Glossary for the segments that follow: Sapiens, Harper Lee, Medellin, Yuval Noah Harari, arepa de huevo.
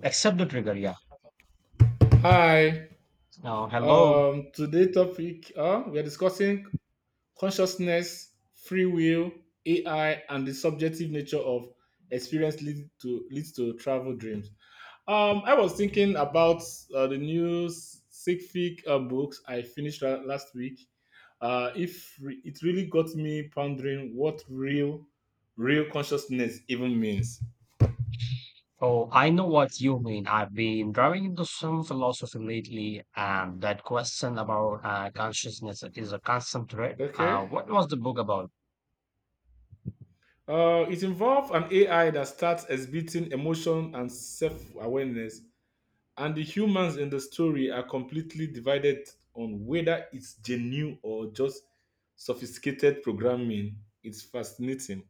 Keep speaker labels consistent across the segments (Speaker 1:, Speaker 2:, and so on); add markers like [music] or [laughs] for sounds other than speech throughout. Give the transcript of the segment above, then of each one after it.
Speaker 1: Except the trigger, yeah.
Speaker 2: Hi.
Speaker 1: Now, hello.
Speaker 2: Today topic we are discussing consciousness, free will, AI, and the subjective nature of experience leads to travel dreams. I was thinking about the new scientific books I finished last week. If re- It really got me pondering what real consciousness even means.
Speaker 1: Oh, I know what you mean. I've been driving into some philosophy lately, and that question about consciousness is a constant thread.
Speaker 2: Okay.
Speaker 1: What was the book about?
Speaker 2: It involves an AI that starts exhibiting emotion and self awareness. And the humans in the story are completely divided on whether it's genuine or just sophisticated programming. It's fascinating.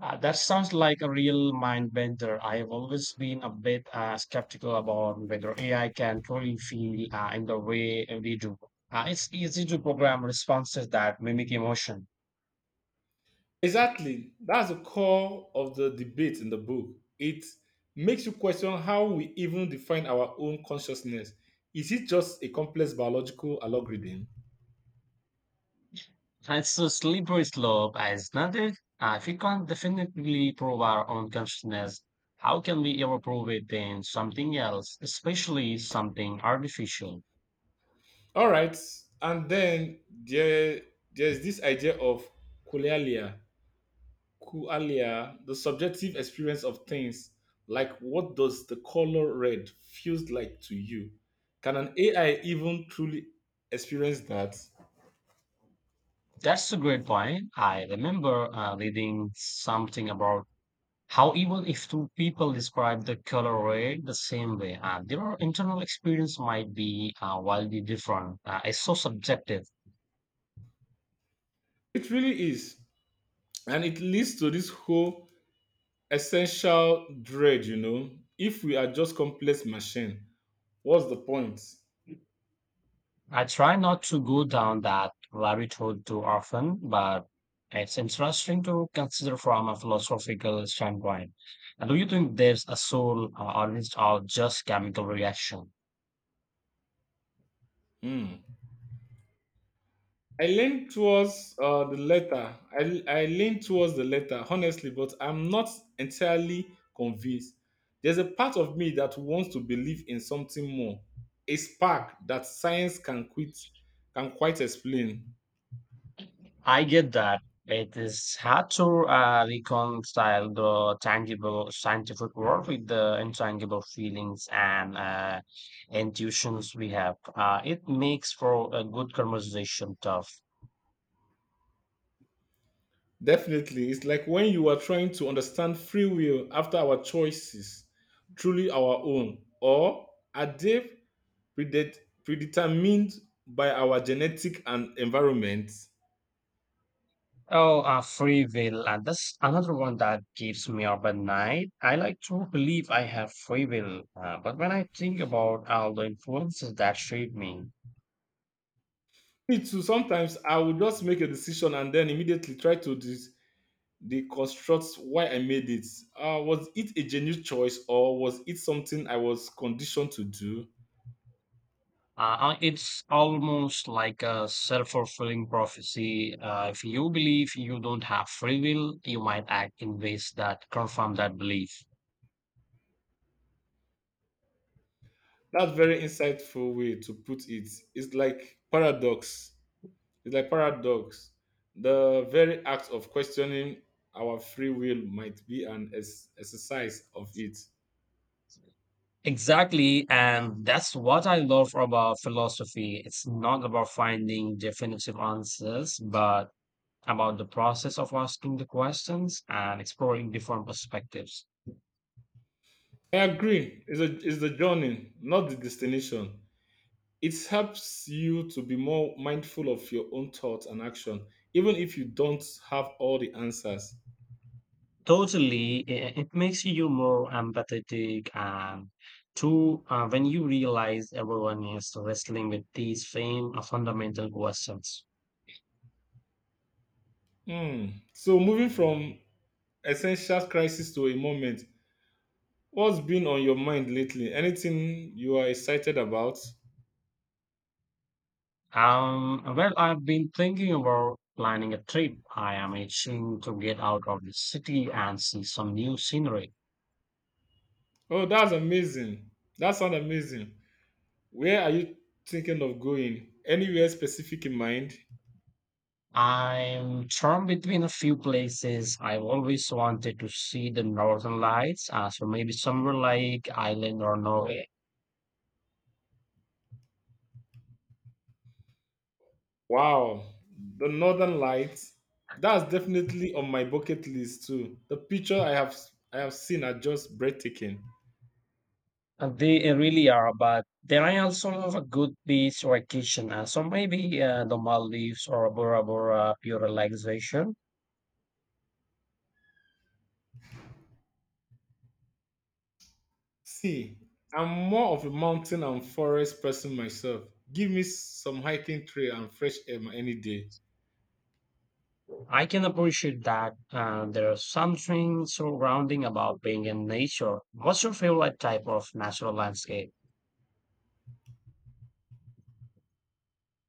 Speaker 1: That sounds like a real mind bender. I have always been a bit skeptical about whether AI can truly feel in the way we do. It's easy to program responses that mimic emotion.
Speaker 2: Exactly. That's the core of the debate in the book. It makes you question how we even define our own consciousness. Is it just a complex biological algorithm?
Speaker 1: It's a slippery slope, isn't it? If we can't definitively prove our own consciousness, how can we ever prove it in something else, especially something artificial?
Speaker 2: All right. And then there, there's this idea of collalia. Kualia, the subjective experience of things, like what does the color red feels like to you? Can an AI even truly experience that?
Speaker 1: That's a great point. I remember reading something about how even if two people describe the color red the same way, their internal experience might be wildly different. It's so subjective.
Speaker 2: It really is. And it leads to this whole essential dread. If we are just complex machine, what's the point?
Speaker 1: I try not to go down that rabbit hole too often, but it's interesting to consider from a philosophical standpoint. And do you think there's a soul or is it all just chemical reaction?
Speaker 2: Hmm. I lean towards the letter. I lean towards the letter, honestly, but I'm not entirely convinced. There's a part of me that wants to believe in something more, a spark that science can can quite explain.
Speaker 1: I get that. It is hard to reconcile the tangible scientific work with the intangible feelings and intuitions we have. It makes for a good conversation, tough.
Speaker 2: Definitely, it's like when you are trying to understand free will after our choices, truly our own, or are they predet- predetermined by our genetic and environment?
Speaker 1: Oh, free will. And that's another one that keeps me up at night. I like to believe I have free will, but when I think about all the influences that shape me,
Speaker 2: Me too. Sometimes I will just make a decision and then immediately try to deconstruct why I made it. Was it a genuine choice or was it something I was conditioned to do?
Speaker 1: It's almost like a self fulfilling prophecy. If you believe you don't have free will, you might act in ways that confirm that belief.
Speaker 2: That's very insightful way to put it. It's like paradox. It's like paradox. The very act of questioning our free will might be an exercise of it.
Speaker 1: Exactly. And that's what I love about philosophy. It's not about finding definitive answers, but about the process of asking the questions and exploring different perspectives.
Speaker 2: I agree. It's the journey, not the destination. It helps you to be more mindful of your own thoughts and action, even if you don't have all the answers.
Speaker 1: Totally, I- it makes you more empathetic, and too, when you realize everyone is wrestling with these same fundamental questions.
Speaker 2: Hmm. So, moving from essential crisis to a moment, what's been on your mind lately? Anything you are excited about?
Speaker 1: Well, I've been thinking about planning a trip. I am itching to get out of the city and see some new scenery.
Speaker 2: Oh, that's amazing. That sounds amazing. Where are you thinking of going? Anywhere specific in mind?
Speaker 1: I'm torn between a few places. I've always wanted to see the northern lights, so maybe somewhere like Ireland or Norway.
Speaker 2: Wow, the Northern Lights. That's definitely on my bucket list too. The picture I have seen are just breathtaking.
Speaker 1: They really are, but there are also a lot of good beach vacation. So maybe the Maldives or Bora Bora pure relaxation.
Speaker 2: See, I'm more of a mountain and forest person myself. Give me some hiking trail and fresh air any day.
Speaker 1: I can appreciate that. There's something so grounding about being in nature. What's your favorite type of natural landscape?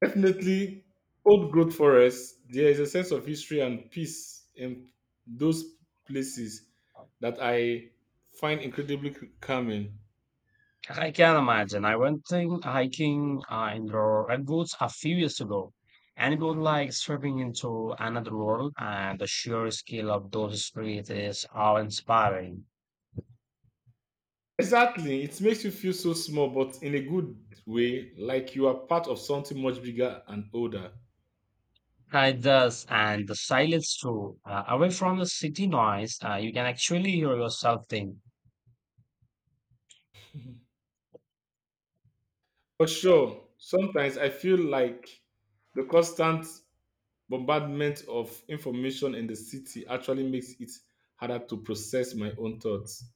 Speaker 2: Definitely, old growth forests. There is a sense of history and peace in those places that I find incredibly calming.
Speaker 1: I can imagine. I hiking in the redwoods a few years ago, and it was like stepping into another world. And the sheer scale of those streets is awe-inspiring.
Speaker 2: Exactly. It makes you feel so small, but in a good way, like you are part of something much bigger and older.
Speaker 1: Hi, does and the silence too. Away from the city noise, you can actually hear yourself think.
Speaker 2: For sure, sometimes I feel like the constant bombardment of information in the city actually makes it harder to process my own thoughts.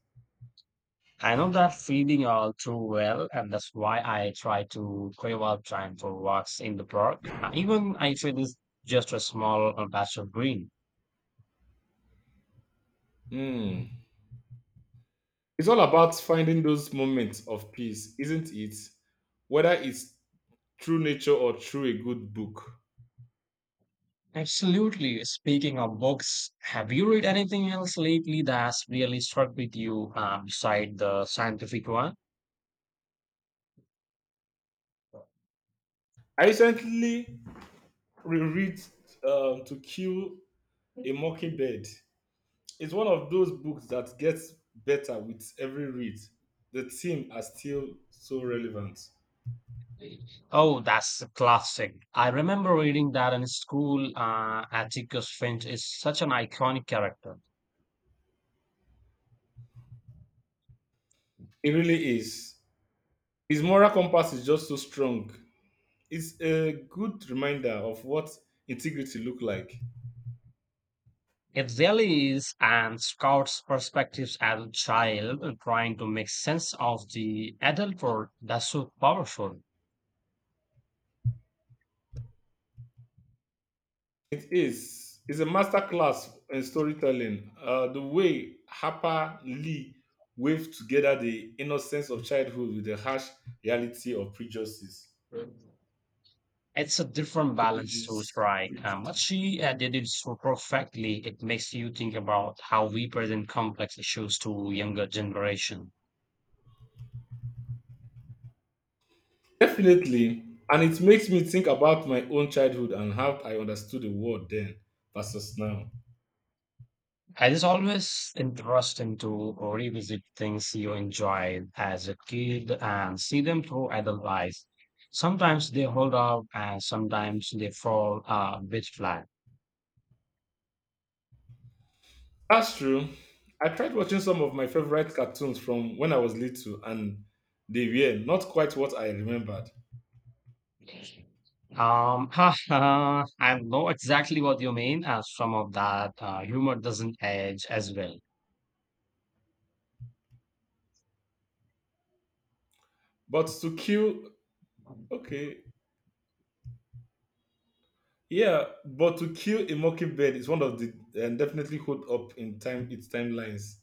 Speaker 1: I know that feeling all too well, and that's why I try to carve out time for walks in the park, even if it is just a small patch of green.
Speaker 2: Hmm. It's all about finding those moments of peace, isn't it? Whether it's through nature or through a good book.
Speaker 1: Absolutely. Speaking of books, have you read anything else lately that's really struck with you beside the scientific one?
Speaker 2: I recently reread To Kill a Mockingbird. It's one of those books that gets better with every read. The theme are still so relevant.
Speaker 1: Oh, that's a classic. I remember reading that in school. Atticus Finch is such an iconic character.
Speaker 2: It really is. His moral compass is just so strong. It's a good reminder of what integrity look like.
Speaker 1: It really is, and Scout's perspectives as a child and trying to make sense of the adult world, that's so powerful.
Speaker 2: It is. It's a masterclass in storytelling. The way Harper Lee waved together the innocence of childhood with the harsh reality of prejudices,
Speaker 1: It's a different balance to strike, but
Speaker 2: prejudice.
Speaker 1: she did it so perfectly. It makes you think about how we present complex issues to younger generation.
Speaker 2: Definitely. And it makes me think about my own childhood and how I understood the world then versus now.
Speaker 1: It is always interesting to revisit things you enjoyed as a kid and see them through adult eyes. Sometimes they hold up and sometimes they fall a bit flat.
Speaker 2: That's true. I tried watching some of my favorite cartoons from when I was little, and they were not quite what I remembered.
Speaker 1: [laughs] I know exactly what you mean. Some of that humor doesn't age as well. [laughs]
Speaker 2: But to kill, okay, yeah, but to kill a mockingbird is one of the definitely hold up in time its timelines.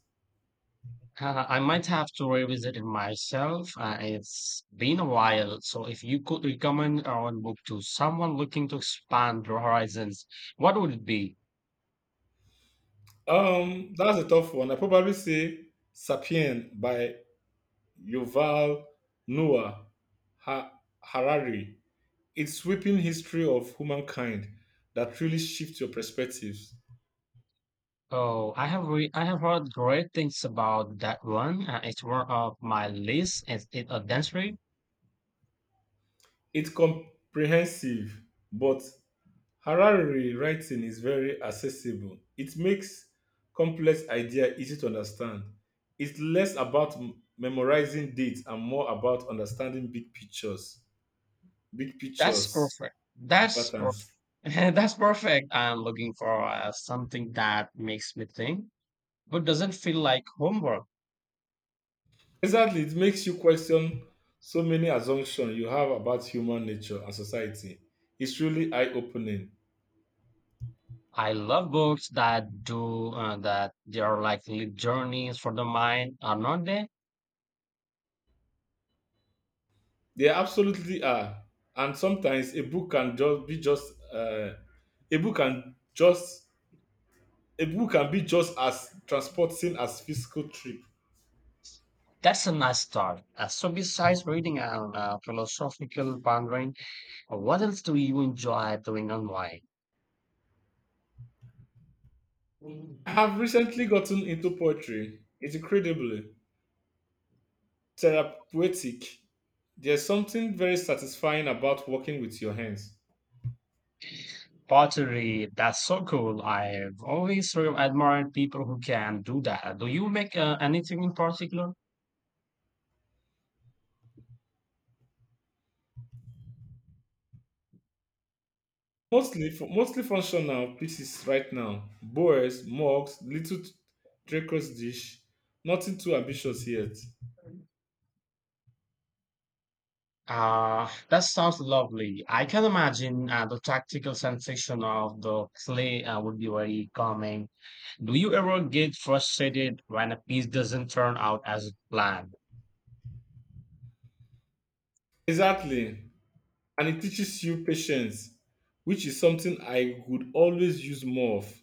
Speaker 1: I might have to revisit it myself. It's been a while. So, if you could recommend one book to someone looking to expand their horizons, what would it be?
Speaker 2: That's a tough one. I probably say *Sapien* by Yuval Noah Ha- Harari. It's sweeping history of humankind that really shifts your perspectives.
Speaker 1: I have heard great things about that one. It's one of my list. Is it a dance rave?
Speaker 2: It's comprehensive, but Harari writing is very accessible. It makes complex idea easy to understand. It's less about memorizing dates and more about understanding big pictures, big pictures
Speaker 1: That's perfect.
Speaker 2: patterns.
Speaker 1: [laughs] That's perfect. I'm looking for something that makes me think, but doesn't feel like homework.
Speaker 2: Exactly, it makes you question so many assumptions you have about human nature and society. It's really eye opening.
Speaker 1: I love books that do that. They are like little journeys for the mind, are not they?
Speaker 2: They absolutely are. And sometimes a book can just a book can be just as transporting as physical trip.
Speaker 1: That's a nice start. So, besides reading and philosophical pondering, what else do you enjoy doing and why?
Speaker 2: I have recently gotten into poetry. It's incredibly therapeutic. There's something very satisfying about working with your hands.
Speaker 1: Pottery, that's so cool. I've always sort of admired people who can do that. Do you make anything in particular?
Speaker 2: Mostly functional pieces right now. Bowls, mugs, little treacherous dish. Nothing too ambitious yet.
Speaker 1: Ah, that sounds lovely. I can imagine the tactical sensation of the clay would be very calming. Do you ever get frustrated when a piece doesn't turn out as planned?
Speaker 2: Exactly. And it teaches you patience, which is something I would always use more of.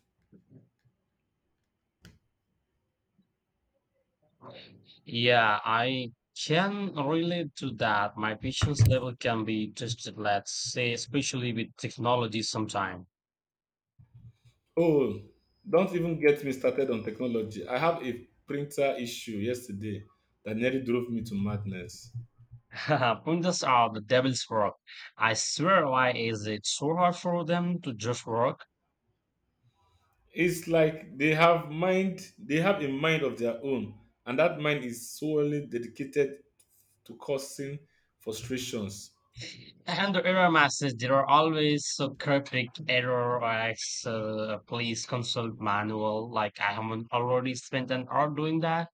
Speaker 1: Yeah, I can relate to that. My patience level can be tested, let's say, especially with technology sometimes.
Speaker 2: Oh, don't even get me started on technology. I have a printer issue yesterday that nearly drove me to madness.
Speaker 1: [laughs] Printers are the devil's work. I swear, why is it so hard for them to just work?
Speaker 2: It's like they have mind, They have a mind of their own, and that mind is solely dedicated to causing frustrations.
Speaker 1: And the error message, there are always so cryptic error or X, please consult manual. Like I haven't already spent an hour doing that.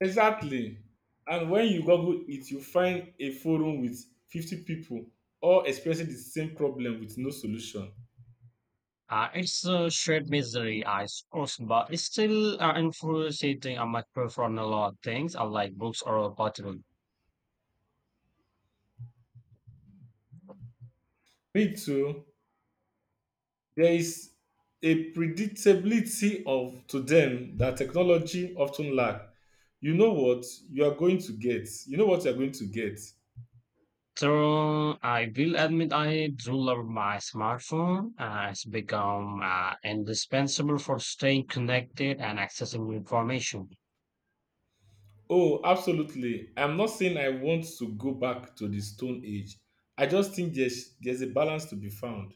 Speaker 2: Exactly. And when you Google it, you find a forum with 50 people all experiencing the same problem with no solution.
Speaker 1: It's a shared misery, I suppose, but it's still infuriating. I much prefer a lot of things, unlike books or a portable.
Speaker 2: Me too. There is a predictability of to them that technology often lack. You know what you are going to get.
Speaker 1: So I will admit I do love my smartphone. It's become indispensable for staying connected and accessing information.
Speaker 2: Oh, absolutely. I'm not saying I want to go back to the stone age. I just think there's a balance to be found.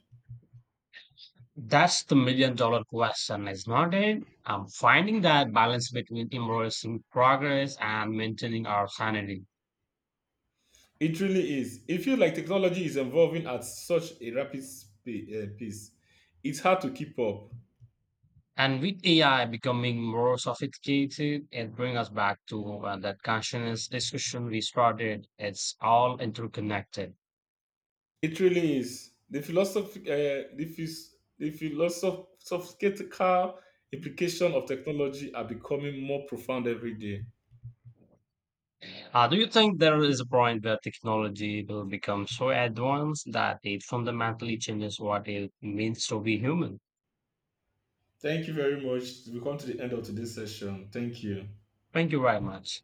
Speaker 1: That's the million dollar question, is not it? I'm finding that balance between embracing progress and maintaining our sanity.
Speaker 2: It really is. It feels like technology is evolving at such a rapid pace. It's hard to keep up.
Speaker 1: And with AI becoming more sophisticated, it brings us back to that consciousness discussion we started. It's all interconnected.
Speaker 2: It really is. The philosophical implication of technology are becoming more profound every day.
Speaker 1: Do you think there is a point where technology will become so advanced that it fundamentally changes what it means to be human?
Speaker 2: Thank you very much. We come to the end of today's session. Thank you.
Speaker 1: Thank you very much.